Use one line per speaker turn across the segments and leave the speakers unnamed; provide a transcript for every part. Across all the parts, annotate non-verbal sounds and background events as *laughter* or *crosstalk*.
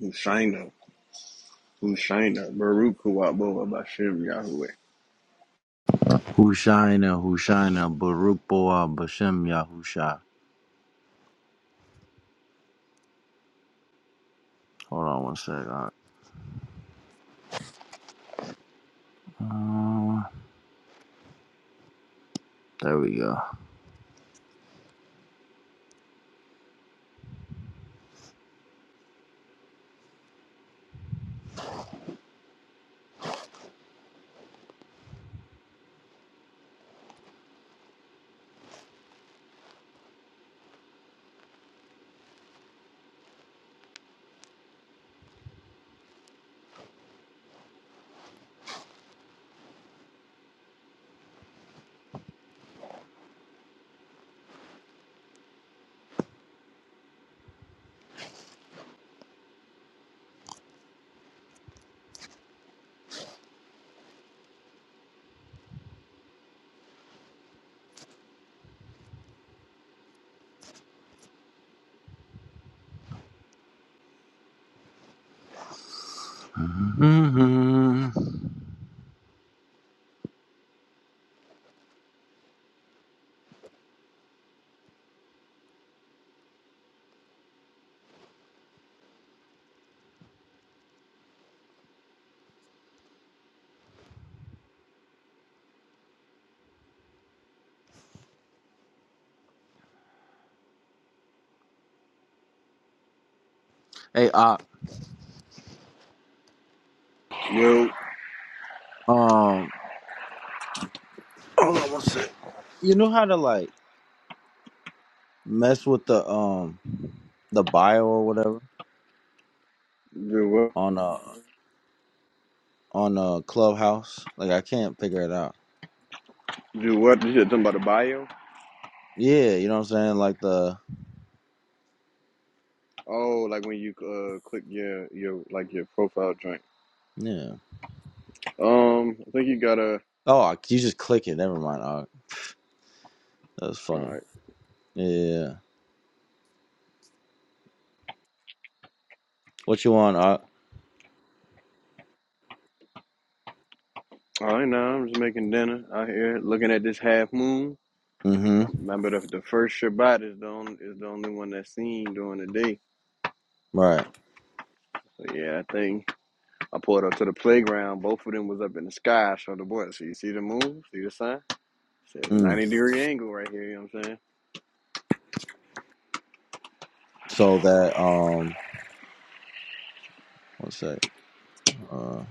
Hushaina, Hushaina, Baruch Huwabo Bashem Yahweh.
Hushaina, Hushaina, Baruch Boa, Bashem Yahusha. Hold on one sec. all right. Uh, there we go. hmm Hey, uh,
Yo,
um, hold on one sec. You know how to like mess with the um the bio or whatever
do what?
on a on a clubhouse? Like I can't figure it out.
Do what? You said something about the bio?
Yeah, you know what I'm saying? Like the
Oh, like when you uh click your your like your profile joint.
yeah.
Um, I think you gotta.
Oh, I- you just click it. Never mind. Uh, that's
All
funny.
right,
Yeah. yeah, yeah. What you want? Uh,
all right. Now I'm just making dinner out here, looking at this half moon.
mm-hmm.
Remember the the first Shabbat is the only, is the only one that's seen during the day.
Right.
So yeah, I think I pulled up to the playground. Both of them was up in the sky. So the boys. so you see the moon, see the sun. So it's a 90 degree angle right here, you know what I'm saying?
So that um, one sec. Uh,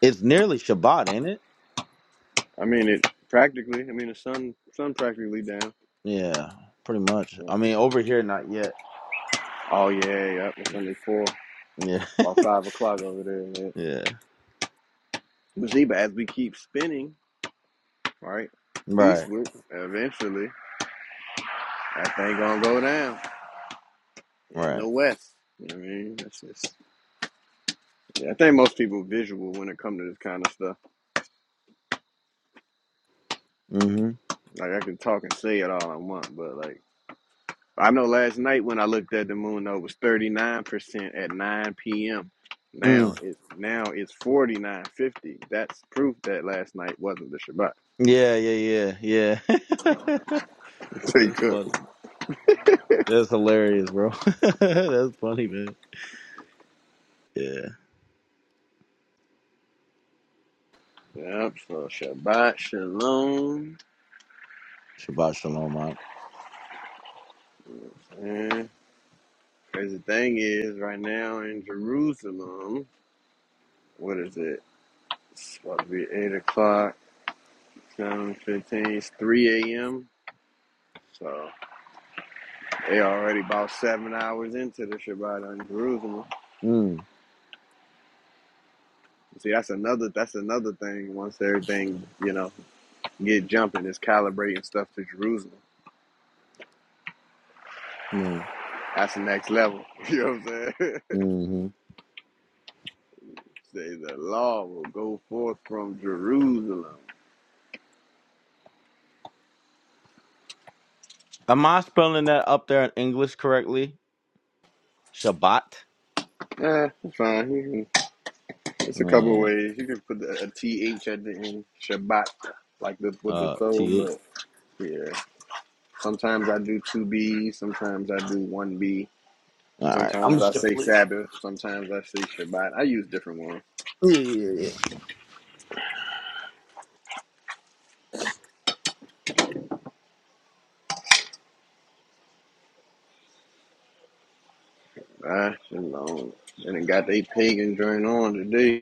it's nearly Shabbat, ain't it?
I mean it practically, I mean the sun sun practically down.
Yeah, pretty much.
So.
I mean, over here, not yet.
Oh yeah, yep, it's only four,
Yeah,
about
*laughs*
five o'clock over there. Man.
yeah.
You see, but as we keep spinning, right,
Right,
eastward, eventually, that thing gonna go down. In
right.
the west. You know what I mean? That's just yeah, I think most people visual when it comes to this kind of stuff.
Mm-hmm.
Like I can talk and say it all I want, but like I know last night when I looked at the moon though it was 39% at 9 p.m. Now
Mm.
it's now it's 49.50. That's proof that last night wasn't the Shabbat.
Yeah, yeah, yeah, yeah. *laughs*
*laughs* They
That's
cook.
funny. That's hilarious, bro. *laughs* That's funny, man. Yeah.
Yep, so Shabbat Shalom.
Shabbat shalom, Mark.
And crazy thing is right now in Jerusalem, what is it? It's about to be eight o'clock, seven fifteen, it's three AM. So they already about seven hours into the Shabbat in Jerusalem.
Mm.
See, that's another that's another thing. Once everything you know get jumping, is calibrating stuff to Jerusalem. That's the next level. *laughs* You know what I'm saying? *laughs*
Mm-hmm.
Say the law will go forth from Jerusalem.
Am I spelling that up there in English correctly? Shabbat.
Yeah, it's fine. You can, it's a couple of
Yeah.
ways. You can put the, at the end, Shabbat, like the with the
Uh,
throw.
T. H.
But yeah, sometimes I do two B's. Sometimes I do one B.
All right. I'm
Sometimes I
just.
say
gonna
Sabbath. Sometimes I say Shabbat. I use different ones.
Yeah, yeah, yeah.
Ah, shalom. And it got they pagan joint on today.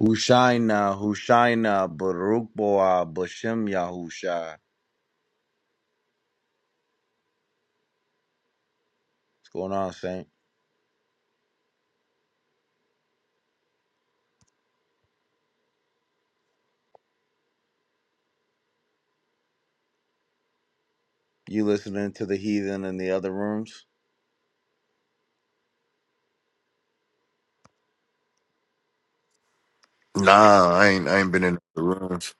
Hushaina, Hushaina, Baruch Boah, Bashem Yahusha. What's going on, Saint? You listening to the heathen in the other rooms?
Nah, I ain't. I ain't been in the rooms.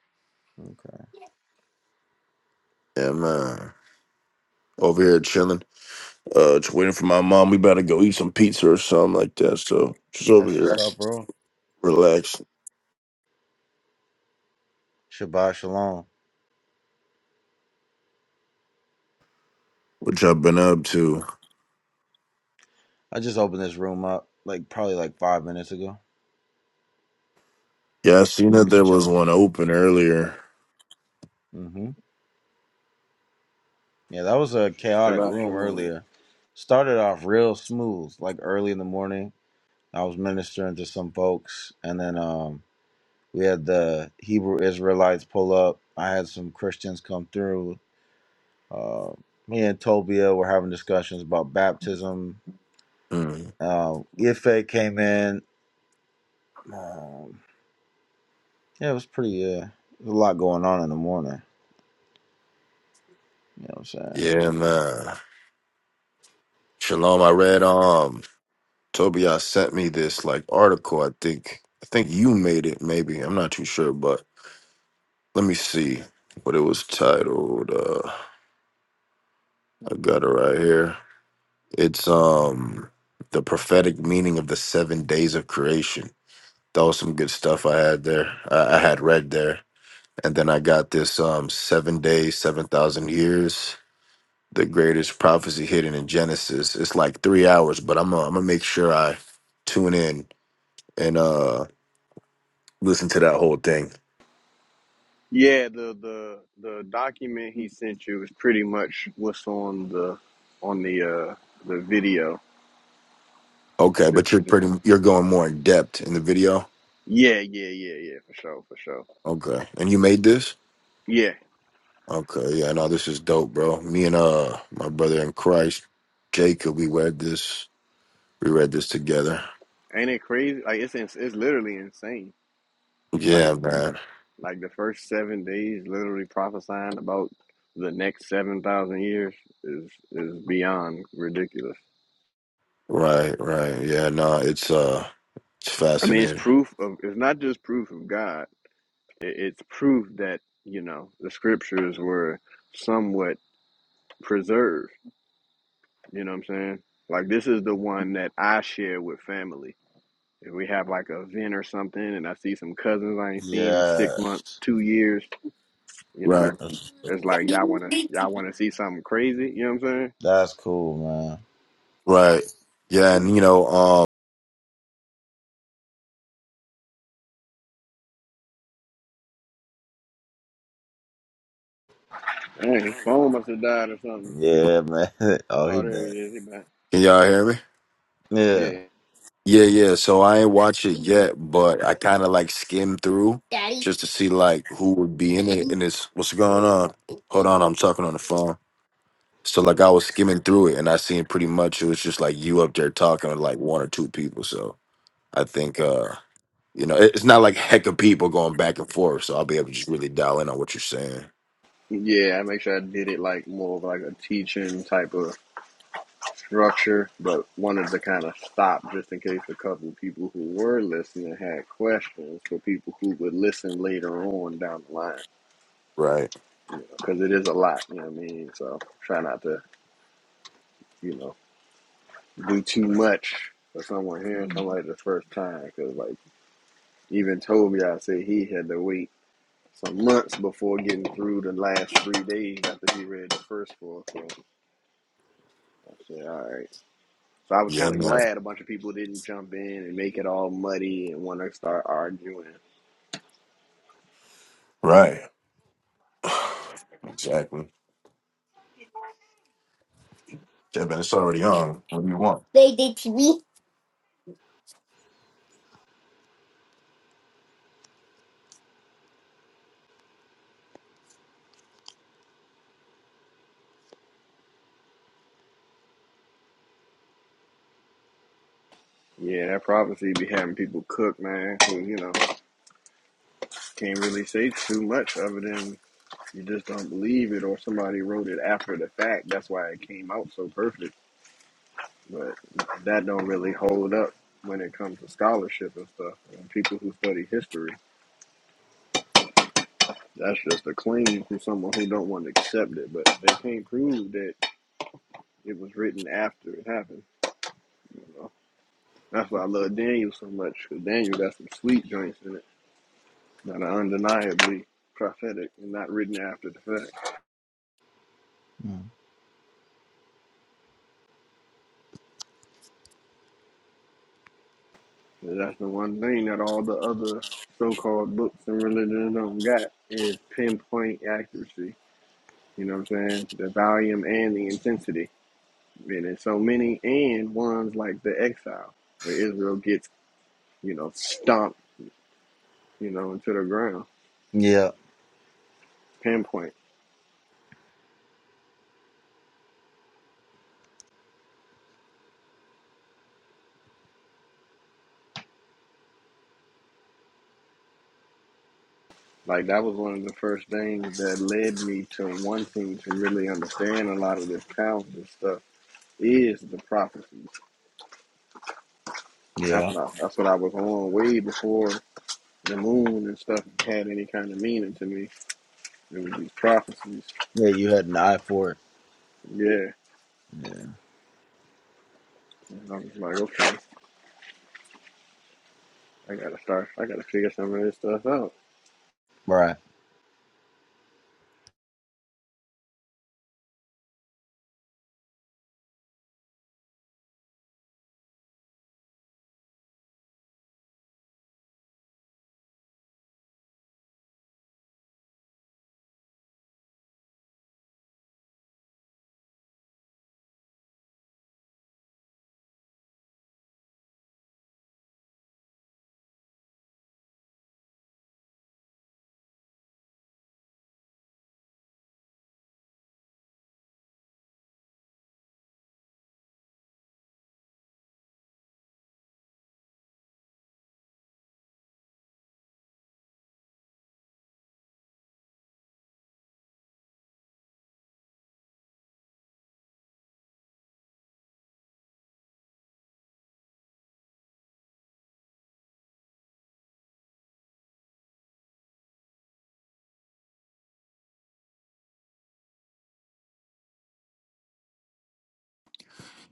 Okay.
Yeah, man. Over here chilling. Uh, just waiting for my mom. We about to go eat some pizza or something like that. So just over
That's
here,
what's up, bro.
relax.
Shabbat Shalom.
What y'all been up to?
I just opened this room up like probably like five minutes ago.
Yeah, I seen that
Just
there was
chilling.
one open earlier.
Mm-hmm. Yeah, that was a chaotic
Shabbat
room
shalom.
earlier. Started off real smooth, like early in the morning. I was ministering to some folks, and then um We had the Hebrew Israelites pull up. I had some Christians come through. Uh, me and Tobia were having discussions about baptism.
Hmm.
Uh, Ife came in. Um, yeah, it was pretty. Uh, there's a lot going on in the morning. You know what I'm saying?
Yeah, man. Shalom, I read. Um, Toby, I sent me this like article. I think. I think you made it. Maybe I'm not too sure, but let me see what it was titled. Uh, I got it right here. It's um the prophetic meaning of the seven days of creation. That was some good stuff I had there. I, I had read there, and then I got this um seven days, seven thousand years. The greatest prophecy hidden in Genesis. It's like three hours, but I'm gonna, I'm gonna make sure I tune in and uh listen to that whole thing.
Yeah, the the the document he sent you is pretty much what's on the on the uh the video.
Okay,
Just
but you're
just
pretty you're going more in depth in the video.
yeah, yeah, yeah, yeah, for sure, for sure.
Okay, and you made this.
Yeah.
Okay, yeah, no, this is dope, bro. Me and uh my brother in Christ, Jacob, we read this we read this together.
Ain't it crazy? Like it's ins- it's literally insane. Like
Yeah, man.
like the first 7 days literally prophesying about the next 7,000 years is is beyond ridiculous.
Right, right. Yeah, no, it's uh it's
I mean, it's
fascinating.
proof of it's not just proof of God. It, it's proof that, you know, the scriptures were somewhat preserved. You know what I'm saying? Like, this is the one that I share with family. If we have like a event or something and I see some cousins I ain't seen in
Yeah,
six months, two years, you
Right.
know,
that's,
it's like y'all wanna y'all wanna see something crazy, you know what I'm
that's cool, man.
Right. Yeah, and you know, um
saying? Dang, his phone must have died or something.
Yeah, man. *laughs* oh, he
Oh there he
back.
is, he back.
can y'all hear me?
Yeah,
Yeah.
Yeah, yeah. So I ain't watch it yet, but I kinda like skimmed through just to see like who would be in it and it's what's going on. Hold on, I'm talking on the phone. So like I was skimming through it and I seen pretty much it was just like you up there talking to like one or two people. So I think uh you know it- it's not like heck of people going back and forth. So I'll be able to just really dial in on what you're saying.
Yeah, I make sure I did it like more of like a teaching type of structure, but wanted to kind of stop just in case a couple of people who were listening had questions for people who would listen later on down the line.
Right.
You know, because it is a lot. You know what I mean? So try not to, you know, do too much for someone hearing somebody the first time. Because like even Toby, I said he had to wait some months before getting through the last three days after he read the first four. So I said, all right. So I was
Yeah,
kind of
man.
glad a bunch of people didn't jump in and make it all muddy and want to start arguing.
Right. *sighs* exactly. Yeah, man. It's already on. What do you want? They did TV.
Yeah, that prophecy be having people cook, man, who, you know, can't really say too much other than you just don't believe it or somebody wrote it after the fact. That's why it came out so perfect. But that don't really hold up when it comes to scholarship and stuff. And people who study history, that's just a claim from someone who don't want to accept it. But they can't prove that it was written after it happened. you know. That's why I love Daniel so much, cause Daniel got some sweet joints in it that are undeniably prophetic and not written after the fact.
Mm.
And that's the one thing that all the other so-called books and religion don't got is pinpoint accuracy. You know what I'm saying? The volume and the intensity. And there's so many and ones like the exile, where Israel gets, you know, stomped, you know, into the ground.
yeah,
Pinpoint. Like that was one of the first things that led me to wanting to really understand a lot of this counseling stuff is the prophecies. That's
yeah,
what I, that's what I was on way before the moon and stuff had any kind of meaning to me. It was these prophecies.
yeah. You had an eye for it.
Yeah.
Yeah,
And I was like, okay, I gotta start I gotta figure some of this stuff out.
right,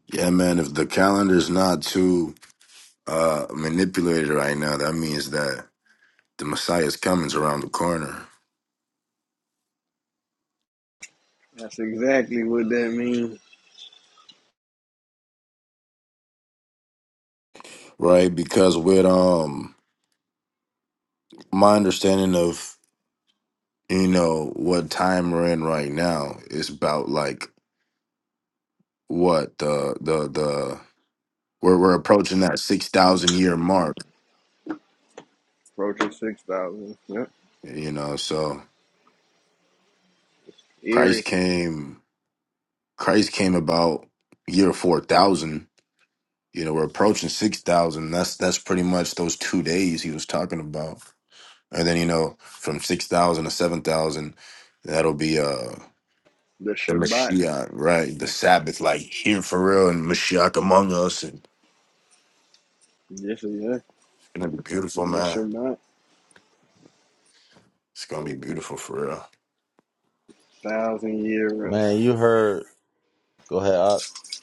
Yeah, man. If the calendar's not too uh manipulated right now, that means that the Messiah's coming's around the corner.
That's exactly what that means.
Right? Because with um my understanding of you know what time we're in right now is about like what the the the we're we're approaching that six thousand year mark,
Approaching six thousand. Yep.
you know. So Christ
Eerie.
came, Christ came about year four thousand. You know, we're approaching six thousand. That's that's pretty much those two days he was talking about. And then you know, from six thousand to seven thousand, that'll be uh
The
the
Shabbat.
Mashiach, right? The Sabbath, like here for real, and Mashiach among us, and it's
Yes, yeah.
gonna be beautiful,
The
man.
Shabbat.
It's gonna be beautiful for real.
Thousand year rest.
man. You heard. Go ahead.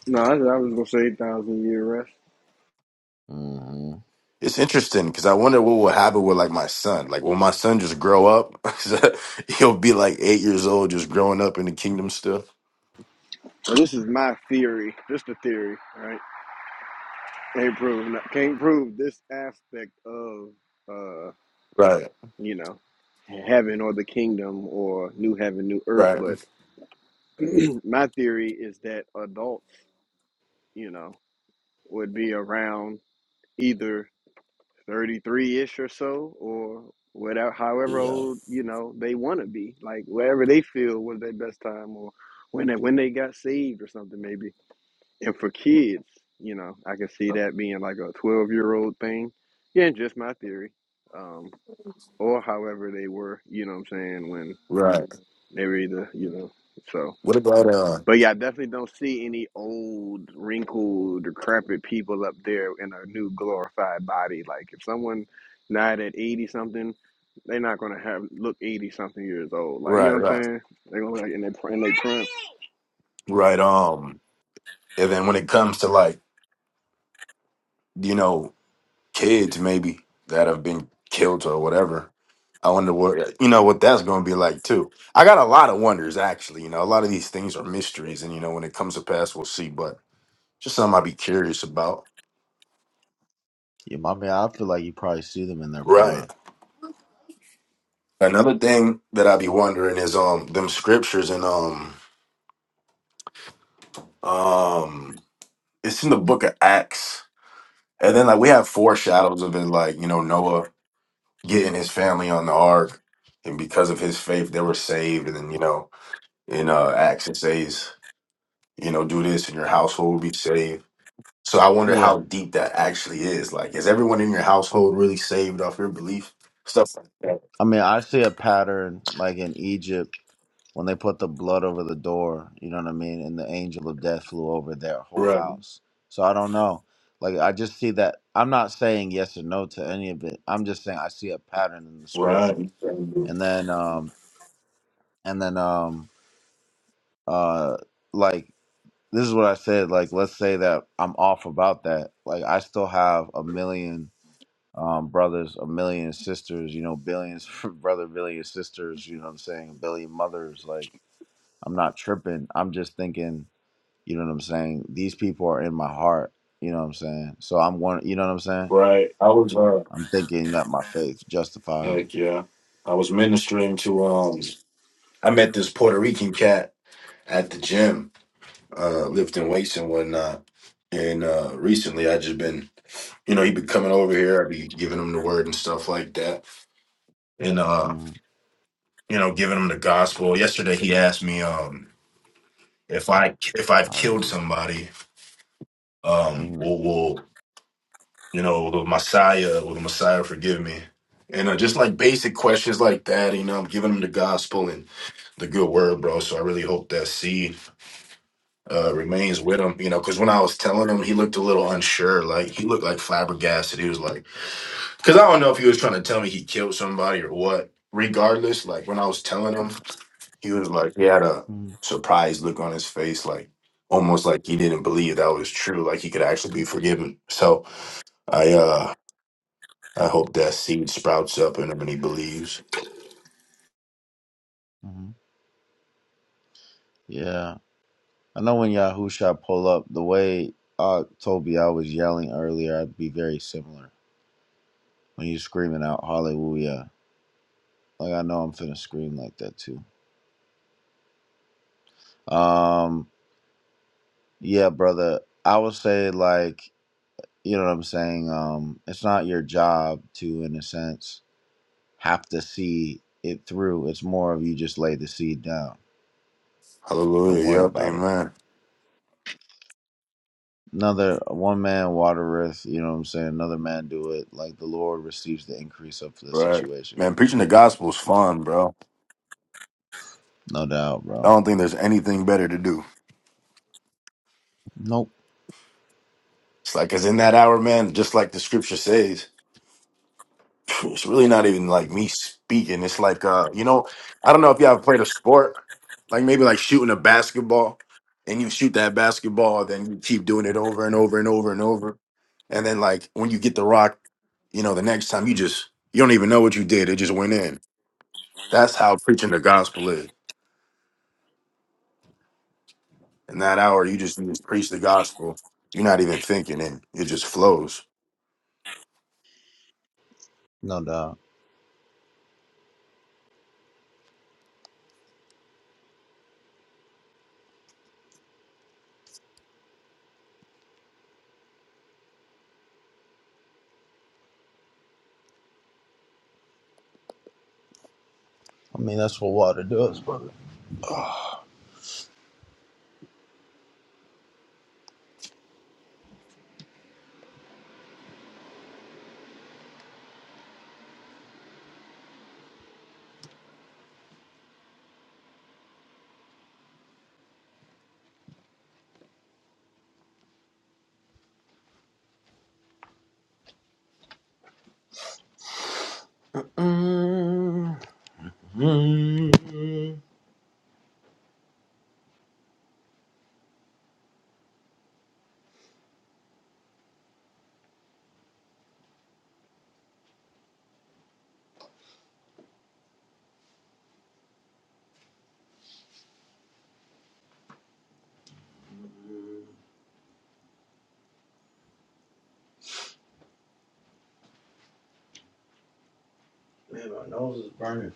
No, I, I was gonna say eight thousand year rest.
Up.
It's interesting because I wonder what will happen with like my son. Like, will my son just grow up? *laughs* He'll be like eight years old, just growing up in the kingdom still.
But this is my theory, just a theory, right? Can't prove can't prove this aspect of uh,
Right,
you know, heaven or the kingdom or new heaven, new earth.
right,
But *clears throat* my theory is that adults, you know, would be around either thirty three ish or so, or whatever, however
Yeah.
old you know they want to be, like wherever they feel was their best time, or when they, when they got saved or something maybe And for kids, you know, I can see that being like a 12 year old thing. Yeah, just my theory. Um, or however they were, you know what I'm saying, when
right.
they were either, you know, so.
What about uh?
But yeah, I definitely don't see any old, wrinkled, decrepit people up there in a new glorified body. Like if someone died at 80 something, they're not gonna have look 80 something years old. Like you know
Right,
what I'm
right,
saying? They're gonna be like in their in their prime.
right. Um, and then when it comes to like you know kids maybe that have been killed or whatever, I wonder what you know what that's gonna be like too. I got a lot of wonders actually. You know, a lot of these things are mysteries, and you know when it comes to pass, we'll see. But Just something I'd be curious about.
yeah. I mean, I feel like you probably see them in their
Right.
prime.
Another thing that I'd be wondering is um them scriptures and um um it's in the book of Acts. And then like we have foreshadows of it, like, you know, Noah getting his family on the ark, and because of his faith they were saved, and then you know, in uh Acts it says, you know, do this and your household will be saved. So I wonder
Yeah.
how deep that actually is. Like, is everyone in your household really saved off your belief? Stuff like that.
I mean, I see a pattern like in Egypt when they put the blood over the door, you know what I mean? And the angel of death flew over their whole
Right.
house. So I don't know. Like, I just see that. I'm not saying yes or no to any of it. I'm just saying I see a pattern in the script.
Right.
And then, um, and then, um, uh, like, this is what I said. Like, let's say that I'm off about that. Like, I still have a million. um, brothers, a million sisters, you know, billions, *laughs* brother, billion sisters, you know what I'm saying? A billion mothers. Like, I'm not tripping. I'm just thinking, you know what I'm saying? These people are in my heart, you know what I'm saying? So I'm one, you know what I'm saying?
Right. I was uh
I'm thinking that my *laughs* faith justify 'em.
heck yeah. I was ministering to um I met this Puerto Rican cat at the gym, uh, lifting weights and whatnot. And uh, recently, I just been, you know, he been coming over here. I would be giving him the word and stuff like that, and uh,
Mhm.
you know, giving him the gospel. Yesterday, he asked me um, if I if I've killed
Hallelujah.
somebody, um,
hmm
will will you know, the Messiah or the Messiah, forgive me. And uh, just like basic questions like that, you know, I'm giving them the gospel and the good word, bro. So I really hope that seed uh, remains with him, you know, because when I was telling him, he looked a little unsure. Like he looked like flabbergasted. He was like, because I don't know if he was trying to tell me he killed somebody or what. Regardless, like when I was telling him, he was like, he had a
hmm
surprised look on his face, like almost like he didn't believe that was true, like he could actually be forgiven. So I uh I hope that seed sprouts up in him and he believes.
hmm Yeah. I know when Yahusha pull up, the way uh, Toby, I was yelling earlier, I'd be very similar. When you screaming out, hallelujah. Like, I know I'm finna scream like that too. Um, yeah, brother. I would say like, you know what I'm saying? Um, it's not your job to, in a sense, have to see it through. It's more of you just lay the seed down. Don't
Hallelujah.
worry
Yep.
about it.
Amen.
Another one man watereth, you know what I'm saying? Another man do it. Like the Lord receives the increase of the
Right.
situation.
Man, preaching the gospel is fun, bro.
No doubt,
I
bro.
don't think there's anything better to do.
Nope.
It's like, cause in that hour, man, just like the scripture says, *sniffs* it's really not even like me speaking. It's like, uh, you know, I don't know if y'all ever played a sport, like maybe like shooting a basketball, and you shoot that basketball, then you keep doing it over and over and over and over, and then like when you get the rock, you know, the next time you just you don't even know what you did. It just went in. That's how preaching the gospel is. In that hour, you just, you just preach the gospel. You're not even thinking it. It just flows.
No doubt. I mean that's what water does, brother. *sighs* Mm, mm, mm. Man, my nose is burning.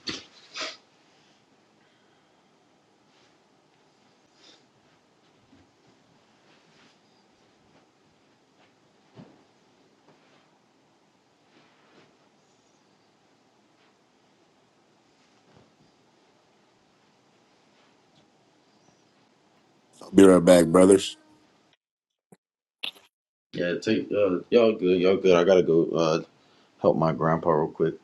I'll be right back, brothers.
Yeah, take uh, y'all good, y'all good. I gotta go uh help my grandpa real quick.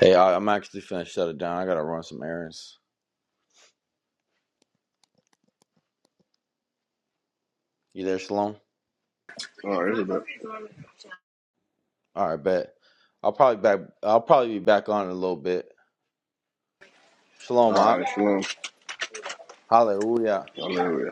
Hey, I, I'm actually finna shut it down. I gotta run some errands. You there, Shalom?
All right, it's a bit.
All right, bet. I'll probably back. I'll probably be back on in a little bit. Shalom,
All
Mark.
right, shalom.
Hallelujah.
Hallelujah.